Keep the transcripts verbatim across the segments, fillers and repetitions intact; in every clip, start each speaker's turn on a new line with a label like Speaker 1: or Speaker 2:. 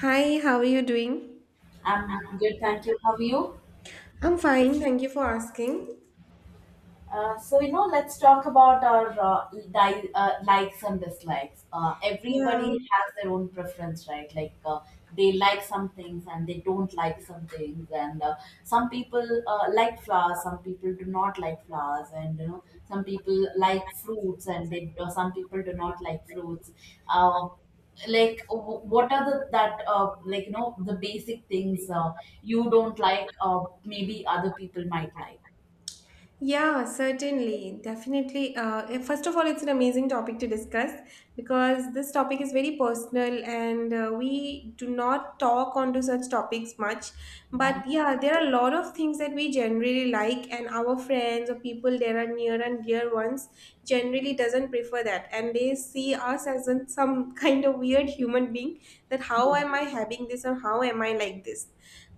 Speaker 1: Hi, how are you doing?
Speaker 2: I'm good, thank you. How are you?
Speaker 1: I'm fine, thank you for asking.
Speaker 2: Uh, so you know let's talk about our uh, di- uh, likes and dislikes. Uh, everybody
Speaker 1: Yeah.
Speaker 2: has their own preference, right? Like uh, they like some things and they don't like some things, and uh, some people uh, like flowers, some people do not like flowers. And you know, some people like fruits and they uh, some people do not like fruits. uh, like w- what are the that uh, like you know the basic things uh, you don't like, uh, maybe other people might like?
Speaker 1: Yeah, certainly, definitely. Uh, eh, first of all, it's an amazing topic to discuss because this topic is very personal, and uh, we do not talk onto such topics much.
Speaker 2: Yeah.
Speaker 1: But yeah, there are a lot of things that we generally like, and our friends or people there are near and dear ones generally doesn't prefer that, and they see us as in some kind of weird human being. That how am I having this, or how am I like this?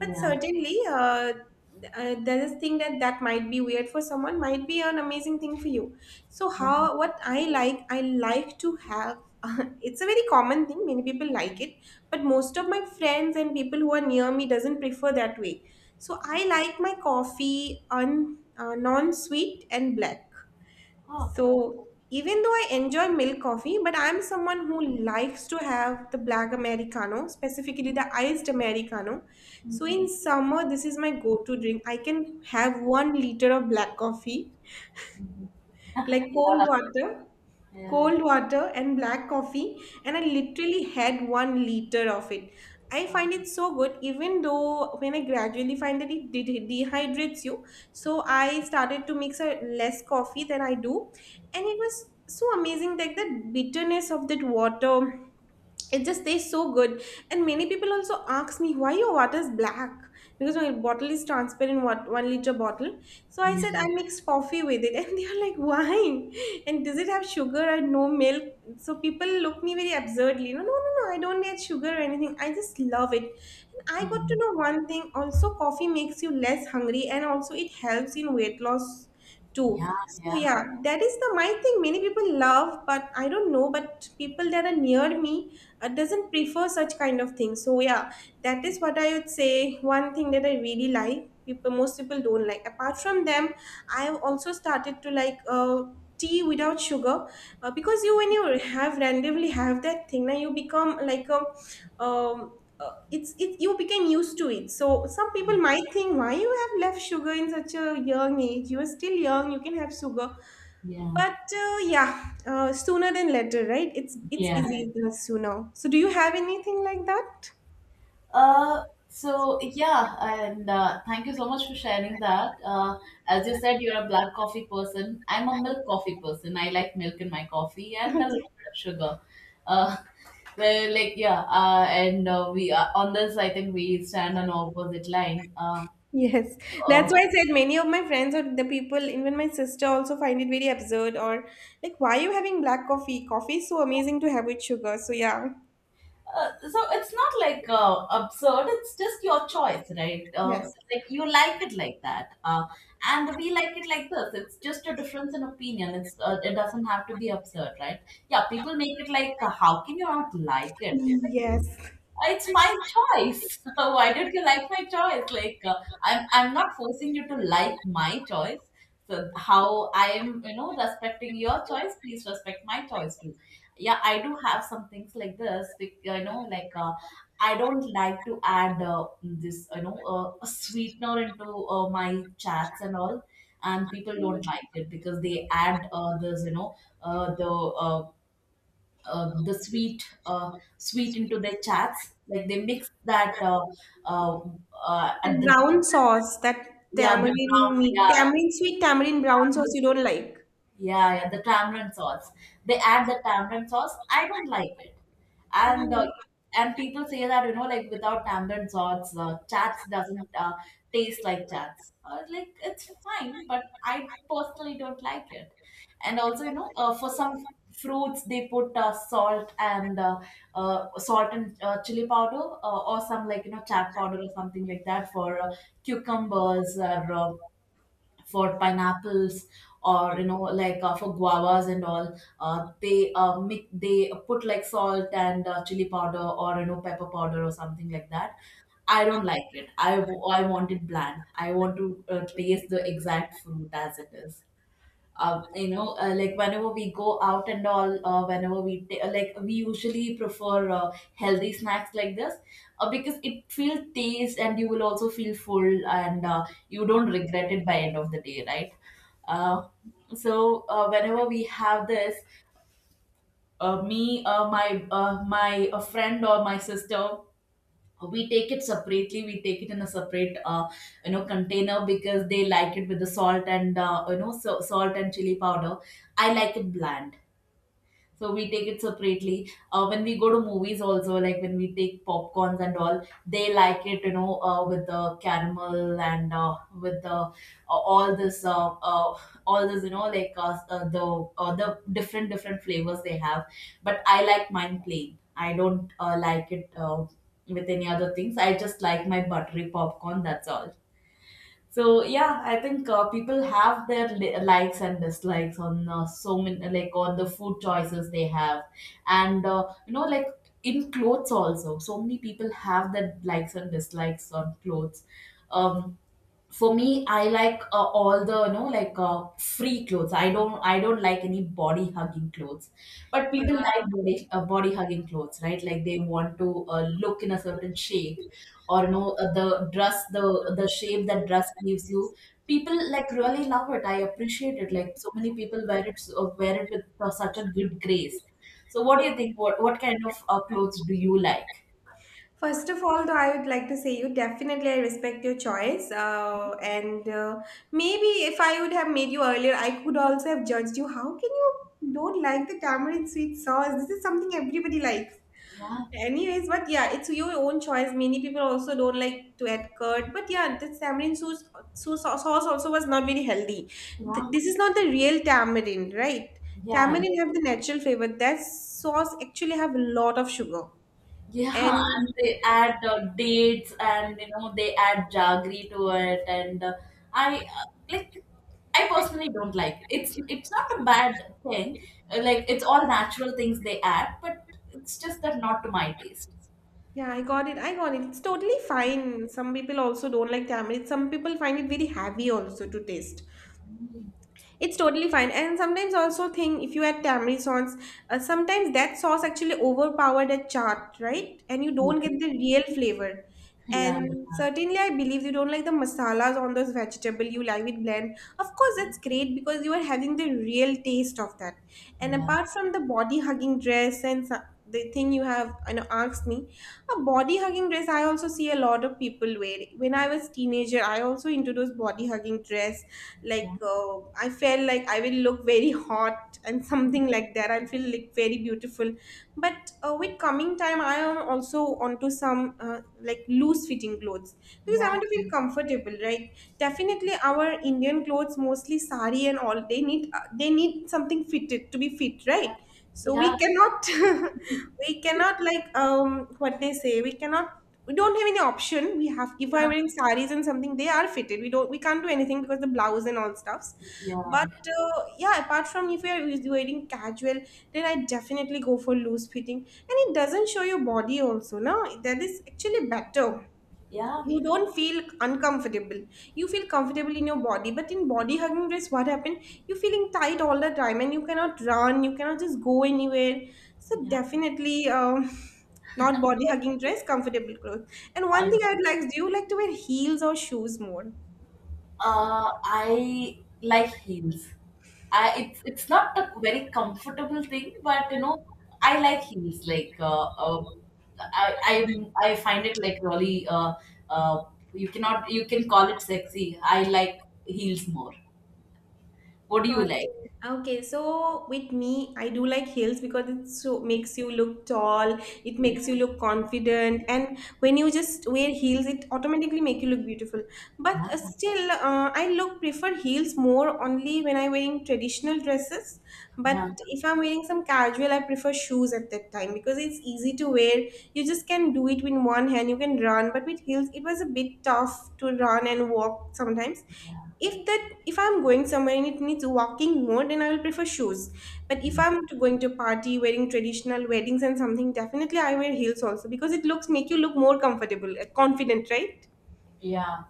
Speaker 1: But
Speaker 2: Yeah.
Speaker 1: certainly, uh, uh, there's this thing that that might be weird for someone might be an amazing thing for you. So
Speaker 2: Yeah,
Speaker 1: how, what i like i like to have, it's a very common thing, many people like it, but most of my friends and people who are near me doesn't prefer that way. So
Speaker 2: yeah.
Speaker 1: I like my coffee on uh, non-sweet and black.
Speaker 2: Oh, yeah.
Speaker 1: So even though I enjoy milk coffee, but I'm someone who likes to have the black Americano, specifically the iced Americano. So
Speaker 2: Mhm,
Speaker 1: in summer, this is my go-to drink. I can have one liter of black coffee,
Speaker 2: mhm.
Speaker 1: like cold
Speaker 2: Yeah,
Speaker 1: water,
Speaker 2: yeah.
Speaker 1: cold water and black coffee, and I literally had one liter of it. I
Speaker 2: Um,
Speaker 1: find it so good, even though when I gradually find that it de- de- dehydrates you. So I started to mix a less coffee than I do, and it was so amazing, like the bitterness of that water, it just tastes so good. And many people also ask me, why your water is black, because my bottle is transparent, what, one liter bottle. So I
Speaker 2: yeah.
Speaker 1: said I mix coffee with it, and they are like, why, and does it have sugar and no milk? So people look me very absurdly. No, no, no, no, I don't need sugar or anything, I just love it. And I got to
Speaker 2: Mm.
Speaker 1: know one thing also, coffee makes you less hungry and also it helps in weight loss too.
Speaker 2: Yeah,
Speaker 1: So
Speaker 2: yeah,
Speaker 1: yeah, that is the my thing, many people love, but I don't know, but people that are near me, uh, doesn't prefer such kind of things, so yeah, that is what I would say, one thing that I really like, people, most people don't like. Apart from them, I've also started to like uh, tea without sugar, uh, because you, when you have randomly have that thing, now you become like a um, uh, it's, it you became used to it, so some people
Speaker 2: mm,
Speaker 1: might think, why you have left sugar in such a young age, you are still young, you can have sugar.
Speaker 2: yeah,
Speaker 1: But uh, yeah, uh, sooner than later, right? It's it's
Speaker 2: yeah.
Speaker 1: easier the sooner. So do you have anything like that?
Speaker 2: Uh, so yeah, and uh, thank you so much for sharing that. Uh, as you said, you're a black coffee person. I'm a milk coffee person. I like milk in my coffee and a
Speaker 1: Okay.
Speaker 2: little bit of sugar. Uh, well, like yeah, uh, and uh, we uh, on this, I think we stand on opposite line. Uh,
Speaker 1: Yes,
Speaker 2: uh,
Speaker 1: that's why I said, many of my friends or the people, even my sister, also find it very absurd, or like, why are you having black coffee? Coffee is so amazing to have with sugar. So yeah,
Speaker 2: Uh, so it's not like uh, absurd, it's just your choice, right? Uh,
Speaker 1: yes,
Speaker 2: like you like it like that, uh, and we like it like this. It's just a difference in opinion. It's uh, it doesn't have to be absurd, right? Yeah, people make it like, uh, how can you not like it?
Speaker 1: yes.
Speaker 2: It's my choice. Why don't you like my choice? Like uh, I'm I'm not forcing you to like my choice. So how I am, you know, respecting your choice, please respect my choice too. Yeah, I do have some things like this. bec- You know, like uh, I don't like to add uh, this, you know, uh, a sweetener into uh, my chats and all, and people don't like it because they add uh, this, you know, uh, the uh, uh, the sweet, uh, sweet into their chats, like they mix that uh, uh, uh, at
Speaker 1: The
Speaker 2: the
Speaker 1: brown sauce, that
Speaker 2: yeah the
Speaker 1: tamarind meat,
Speaker 2: brown
Speaker 1: tamarind sweet tamarind brown sauce,
Speaker 2: yeah
Speaker 1: you don't like.
Speaker 2: yeah, yeah, the tamarind sauce. They add the tamarind sauce. I don't like it, and uh,
Speaker 1: Oh.
Speaker 2: and people say that, you know, like without tamarind sauce, uh, chats doesn't uh, taste like chats. Uh, like, it's fine, but I personally don't like it. And also, you know, uh, for some fruits they put uh, salt and uh, uh, salt and uh, chili powder, uh, or some, like, you know, chat powder or something like that for uh, cucumbers or uh, for pineapples, or you know, like uh, for guavas and all. Uh, they uh, make they put like salt and uh, chili powder, or you know, pepper powder or something like that. I don't like it. i, w- I want it bland, I want to uh, taste the exact fruit as it is. Uh, you know, uh, like whenever we go out and all, uh, whenever we ta- uh, like we usually prefer uh, healthy snacks like this, uh, because it feels taste and you will also feel full, and uh, you don't regret it by end of the day, right? Uh, so uh, whenever we have this, uh, me uh, my uh, my a friend or my sister, we take it separately. We take it in a separate, uh, you know, container, because they like it with the salt and uh, you know, so, salt and chili powder. I like it bland, so we take it separately. Uh, when we go to movies also, like when we take popcorns and all, they like it, you know, uh, with the caramel and uh, with the uh, all this, uh, uh, all this, you know, like uh, uh, the uh, the different different flavors they have. But I like mine plain. I don't uh, like it uh, with any other things. I just like my buttery popcorn. That's all. So yeah, I think uh, people have their li- likes and dislikes on, uh, so many, like on the food choices they have, and uh, you know, like in clothes also. So many people have their likes and dislikes on clothes. Um, for me, I like uh, all the, you know, like uh, free clothes. i don't I don't like any body hugging clothes. But people like body, uh, body hugging clothes, right? Like they want to uh, look in a certain shape, or you know, uh, the dress the the shape that dress gives you. People like really love it. I appreciate it. Like so many people wear it, uh, wear it with uh, such a good grace. So what do you think, what what kind of uh, clothes do you like?
Speaker 1: First of all, though, I would like to say, you definitely, I respect your choice. Uh, and uh, maybe if I would have made you earlier, I could also have judged you. How can you don't like the tamarind sweet sauce? This is something everybody likes.
Speaker 2: Yeah.
Speaker 1: Anyways, but yeah, it's your own choice. Many people also don't like to add curd, but yeah, the tamarind sauce, sauce, sauce also was not very healthy. Th- this is not the real tamarind, right?
Speaker 2: Yeah. Yeah.
Speaker 1: Tamarind have the natural flavor. That sauce actually have a lot of sugar
Speaker 2: Yeah,
Speaker 1: and,
Speaker 2: and they add uh, dates, and you know, they add jaggery to it, and uh, I uh, like. I personally don't like it. It's it's not a bad thing. uh, Like, it's all natural things they add, but it's just that not to my taste.
Speaker 1: yeah, I got it. I got it. It's totally fine. Some people also don't like tamarind. Some people find it very heavy also to taste. It's totally fine. And sometimes also think, if you add tamarind sauce, uh, sometimes that sauce actually overpowered a chaat, right? And you don't
Speaker 2: Yeah,
Speaker 1: get the real flavor.
Speaker 2: yeah,
Speaker 1: And certainly, I believe you don't like the masalas on those vegetable. You like it blend. Of course,
Speaker 2: yeah,
Speaker 1: that's great because you are having the real taste of that. And
Speaker 2: yeah,
Speaker 1: apart from the body hugging dress and so- the thing you have, you know, asked me, a body hugging dress, I also see a lot of people wear. When I was teenager, I also into those body hugging dress, like uh, I felt like I will look very hot and something like that, I'll feel like very beautiful. But uh, with coming time I am also onto some uh, like loose fitting clothes, because
Speaker 2: yeah,
Speaker 1: I want to
Speaker 2: yeah,
Speaker 1: feel comfortable, right? Definitely our Indian clothes mostly sari and all, they need uh, they need something fitted to be fit, right?
Speaker 2: yeah,
Speaker 1: So
Speaker 2: yeah,
Speaker 1: we cannot, we cannot, like, um what they say, we cannot, we don't have any option. We have, if I'm
Speaker 2: yeah,
Speaker 1: wearing saris and something, they are fitted. We don't, we can't do anything because the blouse and all stuffs.
Speaker 2: yeah,
Speaker 1: But uh, yeah, apart from, if you're wearing casual, then I definitely go for loose fitting, and it doesn't show your body also. Now that is actually better,
Speaker 2: yeah.
Speaker 1: you don't feel uncomfortable, you feel comfortable in your body. But in body hugging race, what happened, you're feeling tight all the time and you cannot run, you cannot just go anywhere. So
Speaker 2: Yeah.
Speaker 1: definitely, um, not body hugging dress, comfortable clothes. And one thing
Speaker 2: Yeah.
Speaker 1: I'd like, do you like to wear heels or shoes more?
Speaker 2: Uh, I like heels. I, it's it's not a very comfortable thing, but you know, I like heels. Like uh, uh, I I I find it like really uh, uh, you cannot, you can call it sexy. I like heels more. What do you
Speaker 1: Got,
Speaker 2: like?
Speaker 1: okay, so with me, I do like heels because it so makes you look tall, it makes
Speaker 2: Yeah,
Speaker 1: you look confident, and when you just wear heels, it automatically make you look beautiful. But
Speaker 2: yeah,
Speaker 1: uh, still, uh, I look prefer heels more only when I'm wearing traditional dresses. But
Speaker 2: yeah.
Speaker 1: if I'm wearing some casual, I prefer shoes at that time because it's easy to wear. You just can do it with one hand, you can run. But with heels, it was a bit tough to run and walk sometimes. If that, if I'm going somewhere and it needs walking more, then I will prefer shoes. But if
Speaker 2: Mm.
Speaker 1: I'm to- going to party, wearing traditional weddings and something, definitely I wear heels also because it looks make you look more comfortable, uh, confident, right?
Speaker 2: Yeah,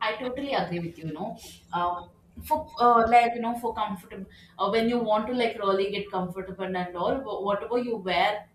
Speaker 2: I totally agree with you. You know, uh, for uh, like you know, for comfortable, uh, when you want to like really get comfortable and all, wh- whatever you wear,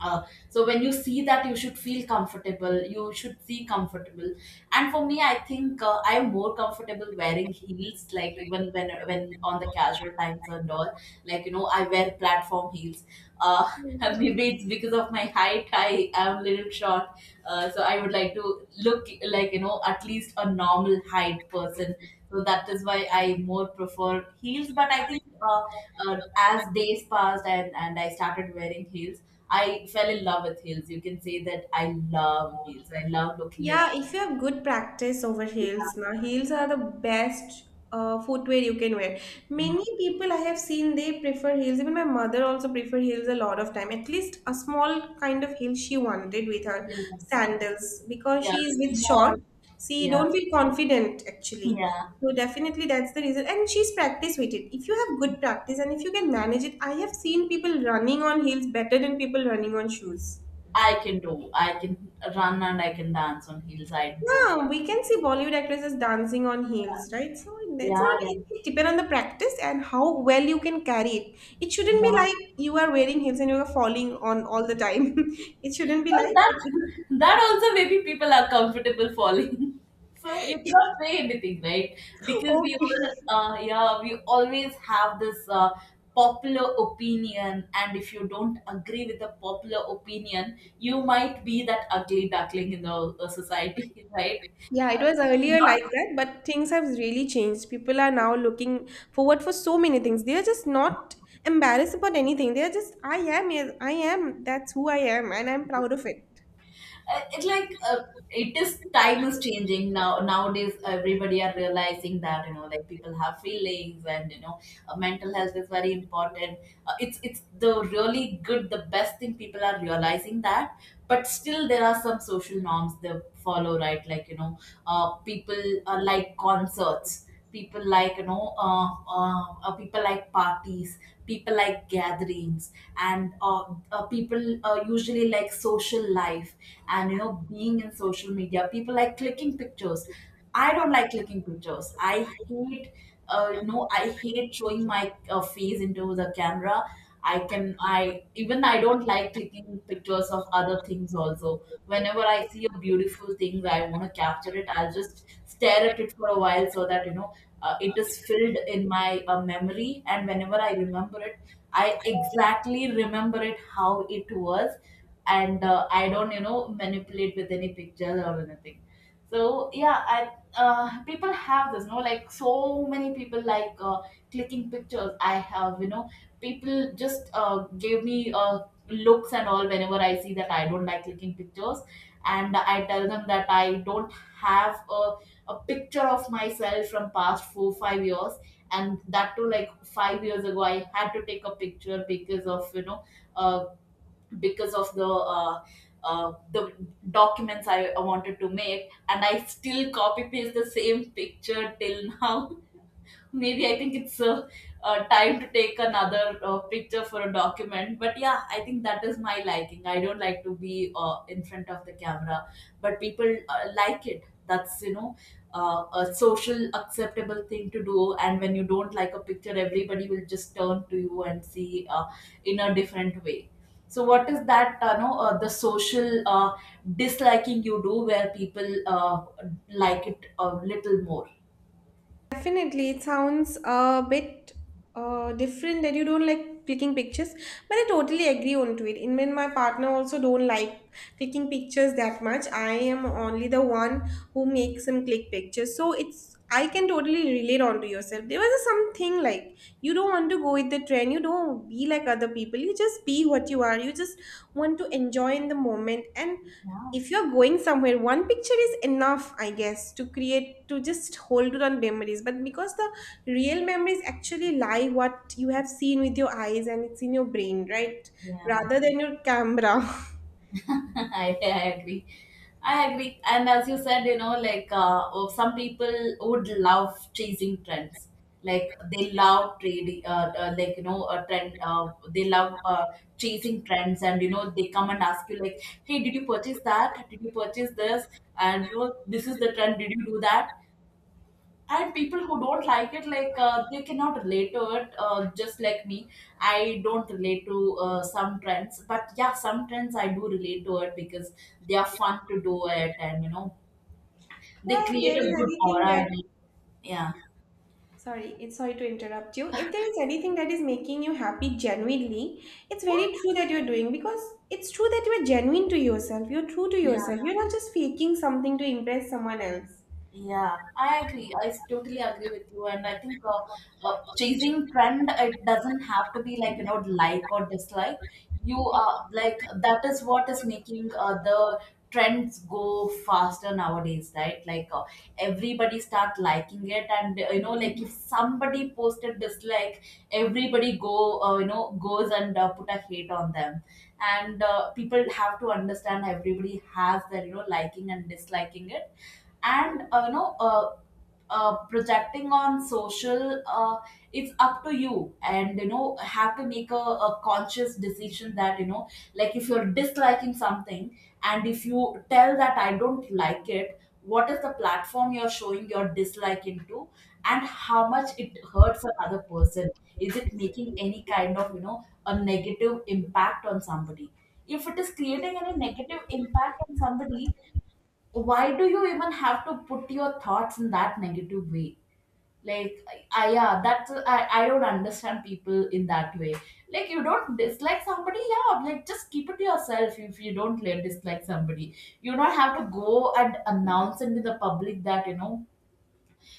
Speaker 2: uh, so when you see that, you should feel comfortable, you should see comfortable. And for me, I think uh, I am more comfortable wearing heels, like even when when on the casual times and all, like you know, I wear platform heels. uh, Maybe it's because of my height, I am a little short. Uh, so I would like to look like, you know, at least a normal height person. So that is why I more prefer heels. But I think uh, uh, as days passed and, and I started wearing heels, I fell in love with heels. You can say that I love heels. I love looking at
Speaker 1: Yeah, if you have good practice over
Speaker 2: heels.
Speaker 1: heels, now heels are the best uh, footwear you can wear. Many people I have seen they prefer heels. Even my mother also prefer heels a lot of time. At least a small kind of heel she wanted with her
Speaker 2: Yeah,
Speaker 1: sandals because
Speaker 2: yeah,
Speaker 1: she is with short.
Speaker 2: small.
Speaker 1: She
Speaker 2: Yeah,
Speaker 1: don't feel confident actually.
Speaker 2: yeah.
Speaker 1: So definitely that's the reason. And she's practiced with it. If you have good practice and if you can manage it, I have seen people running on heels better than people running on shoes.
Speaker 2: I can do, I can run and I can dance on heels. I don't.
Speaker 1: Yeah, we can see Bollywood actresses dancing on heels, right? So it's not,
Speaker 2: Yeah.
Speaker 1: it depends on the practice and how well you can carry it. It shouldn't be
Speaker 2: Yeah.
Speaker 1: like you are wearing heels and you are falling on all the time. It shouldn't be
Speaker 2: So
Speaker 1: like,
Speaker 2: that,
Speaker 1: but it,
Speaker 2: that also maybe people are comfortable falling. So you cannot say anything, right? Because we
Speaker 1: okay.
Speaker 2: all, uh, yeah, we always have this uh, popular opinion, and if you don't agree with the popular opinion, you might be that ugly duckling in the uh, society, right?
Speaker 1: Yeah, it was earlier like that, but things have really changed. People are now looking forward for so many things. They are just not embarrassed about anything. They are just, I am, yes, I am, that's who I am, and I'm proud of it.
Speaker 2: uh, it like uh, it is Time is changing now, nowadays everybody are realizing that, you know, like people have feelings, and you know, uh, mental health is very important. uh, it's it's the really good, the best thing people are realizing that. But still there are some social norms they follow, right? Like you know, uh, people uh, like concerts, people like, you know, uh, uh, uh, people like parties, people like gatherings, and uh, uh, people uh, usually like social life. And you know, being in social media, people like clicking pictures. I don't like clicking pictures. I hate, uh, no, I hate showing my uh, face into the camera. I can I even I don't like clicking pictures of other things also. Whenever I see a beautiful thing, I want to capture it, I'll just stare at it for a while so that, you know, uh, it is filled in my uh, memory, and whenever I remember it, I exactly remember it how it was. And uh, I don't, you know, manipulate with any pictures or anything. So yeah, I, uh, people have this, no, like so many people like uh, clicking pictures. I have, you know, people just uh, gave me uh, looks and all whenever I see that I don't like clicking pictures, and I tell them that I don't have a, a picture of myself from past four five years, and that too, like five years ago, I had to take a picture because of, you know, uh, because of the uh, uh, the documents I wanted to make, and I still copy paste the same picture till now. Maybe I think it's uh, uh, time to take another uh, picture for a document. But yeah, I think that is my liking. I don't like to be uh, in front of the camera, but people uh, like it. That's, you know, uh, a social acceptable thing to do. And when you don't like a picture, everybody will just turn to you and see uh, in a different way. So what is that? Uh, no, uh, the social uh, disliking you do where people uh, like it a little more.
Speaker 1: Definitely, it sounds a bit uh, different that you don't like clicking pictures, but I totally agree on to it. In when my partner also don't like clicking pictures that much. I am only the one who makes him click pictures, so it's, I can totally relate onto yourself. There was something like you don't want to go with the trend, you don't be like other people. You just be what you are. You just want to enjoy in the moment. And
Speaker 2: Yeah.
Speaker 1: if you're going somewhere, one picture is enough, I guess, to create, to just hold on memories, but because the real memories actually lie what you have seen with your eyes and it's in your brain, right,
Speaker 2: Yeah.
Speaker 1: rather than your camera.
Speaker 2: I, I agree. I agree. And as you said, you know, like uh, oh, some people would love chasing trends. Like they love trading, uh, uh, like, you know, a trend. Uh, they love uh, chasing trends, and you know, they come and ask you, like, "Hey, did you purchase that? Did you purchase this? And you know, this is the trend. Did you do that?" And people who don't like it, like uh, they cannot relate to it uh, just like me. I don't relate to uh, some trends, but yeah, some trends I do relate to it because they are fun to do it and you know they
Speaker 1: Yeah, if
Speaker 2: create
Speaker 1: there
Speaker 2: a
Speaker 1: is
Speaker 2: good
Speaker 1: anything that,
Speaker 2: aura. And yeah,
Speaker 1: sorry, it's sorry to interrupt you, if there is anything that is making you happy genuinely, it's very true that you're doing, because it's true that you are genuine to yourself, you're true to
Speaker 2: yeah,
Speaker 1: yourself, you're not just faking something to impress someone else.
Speaker 2: yeah, I agree. I s- totally agree with you. And I think uh, uh, chasing trend, it doesn't have to be like, you know, like or dislike. You are like, that is what is making uh, the trends go faster nowadays, right? Like uh, everybody start liking it. And, uh, you know, like if somebody posted dislike, everybody go, uh, you know, goes and uh, put a hate on them. And uh, people have to understand everybody has their, you know, liking and disliking it and uh, you know uh, uh, projecting on social uh, it's up to you, and you know, have to make a, a conscious decision that you know, like if you're disliking something, and if you tell that I don't like it, what is the platform you're showing your dislike into, and how much it hurts another person. Is it making any kind of, you know, a negative impact on somebody? If it is creating any negative impact on somebody, why do you even have to put your thoughts in that negative way? Like I, yeah, that's, I, I don't understand people in that way. Like you don't dislike somebody. Yeah, like just keep it to yourself. If you don't like, dislike somebody, you don't have to go and announce it in the public that you know,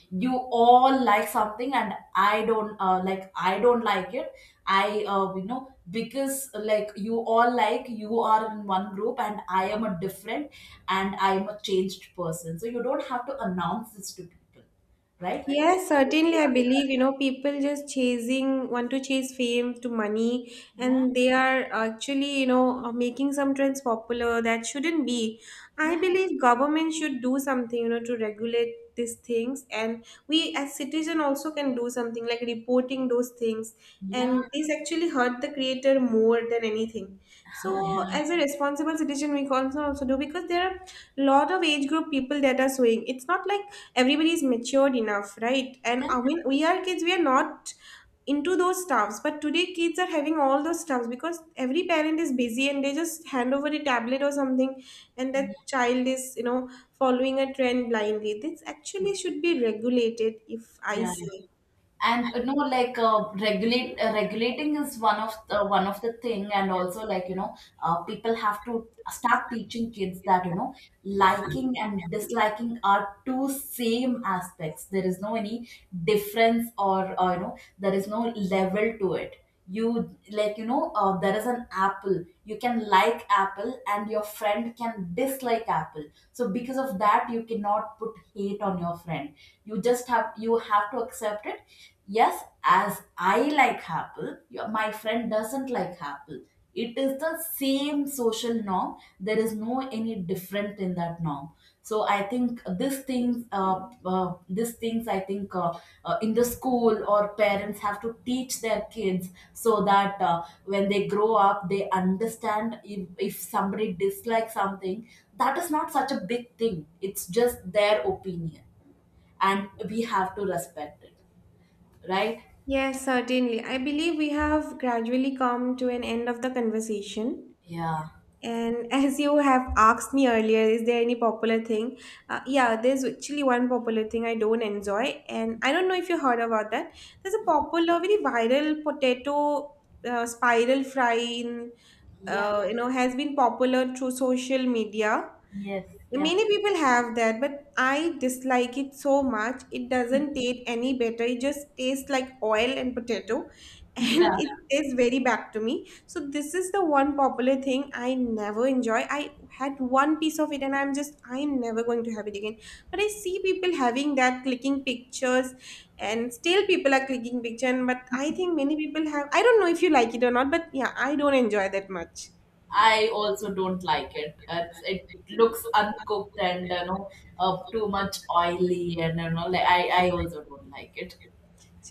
Speaker 2: you all like something and I don't, uh, like I don't like it. I uh, you know, because like you all like, you are in one group and I am a different, and I am a changed person, so you don't have to announce this to people, right?
Speaker 1: Yes, certainly. I believe, you know, people just chasing, want to chase fame to money,
Speaker 2: Yeah.
Speaker 1: and they are actually, you know, uh, making some trends popular that shouldn't be. I
Speaker 2: Yeah.
Speaker 1: believe government should do something, you know, to regulate these things, and we as citizen also can do something like reporting those things.
Speaker 2: Yeah.
Speaker 1: And this actually hurt the creator more than anything.
Speaker 2: Yeah.
Speaker 1: So, as a responsible citizen, we can also also do, because there are lot of age group people that are suing. It's not like everybody is matured enough, right? And
Speaker 2: Yeah.
Speaker 1: I mean, we are kids, we are not into those stuffs, but today kids are having all those stuffs because every parent is busy and they just hand over a tablet or something, and that child is, you know, following a trend blindly, this actually should be regulated, if I
Speaker 2: Yeah.
Speaker 1: say.
Speaker 2: And uh, no, like uh, regulate uh, regulating is one of the one of the thing, and also, like, you know, uh, people have to start teaching kids that you know, liking and disliking are two same aspects. There is no any difference or uh, you know, there is no level to it. You like, you know, uh, there is an apple, you can like apple and your friend can dislike apple. So because of that, you cannot put hate on your friend. You just have you have to accept it. Yes, as I like apple, your, my friend doesn't like apple. It is the same social norm, there is no any different in that norm. So I think these things, uh, uh, these things, I think uh, uh, in the school or parents have to teach their kids, so that uh, when they grow up they understand if, if somebody dislikes something, that is not such a big thing, it's just their opinion, and we have to respect it, right?
Speaker 1: Yes, certainly. I believe we have gradually come to an end of the conversation.
Speaker 2: Yeah.
Speaker 1: And as you have asked me earlier, is there any popular thing? Uh, yeah, there's actually one popular thing I don't enjoy, and I don't know if you heard about that. There's a popular, very viral potato uh, spiral fry in,
Speaker 2: Yeah.
Speaker 1: uh, you know, has been popular through social media.
Speaker 2: Yes. Yeah.
Speaker 1: Many people have that, but I dislike it so much. It doesn't taste any better. It just tastes like oil and potato, and
Speaker 2: Yeah.
Speaker 1: it tastes very bad to me. So this is the one popular thing I never enjoy. I had one piece of it, and I'm just, I'm never going to have it again. But I see people having that, clicking pictures, and still people are clicking picture. and- But I think many people have. I don't know if you like it or not, but yeah, I don't enjoy that much.
Speaker 2: I also don't like it. It's, it looks uncooked and you know uh, too much oily, and you know, like I, I also don't like it.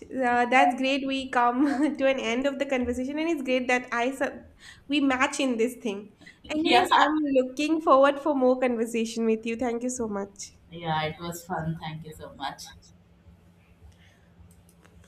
Speaker 1: Uh, that's great. We come to an end of the conversation, and it's great that I sub- we match in this thing.
Speaker 2: Yeah.
Speaker 1: Anyways, I'm looking forward for more conversation with you. Thank you so much.
Speaker 2: Yeah, it was fun. Thank you so much.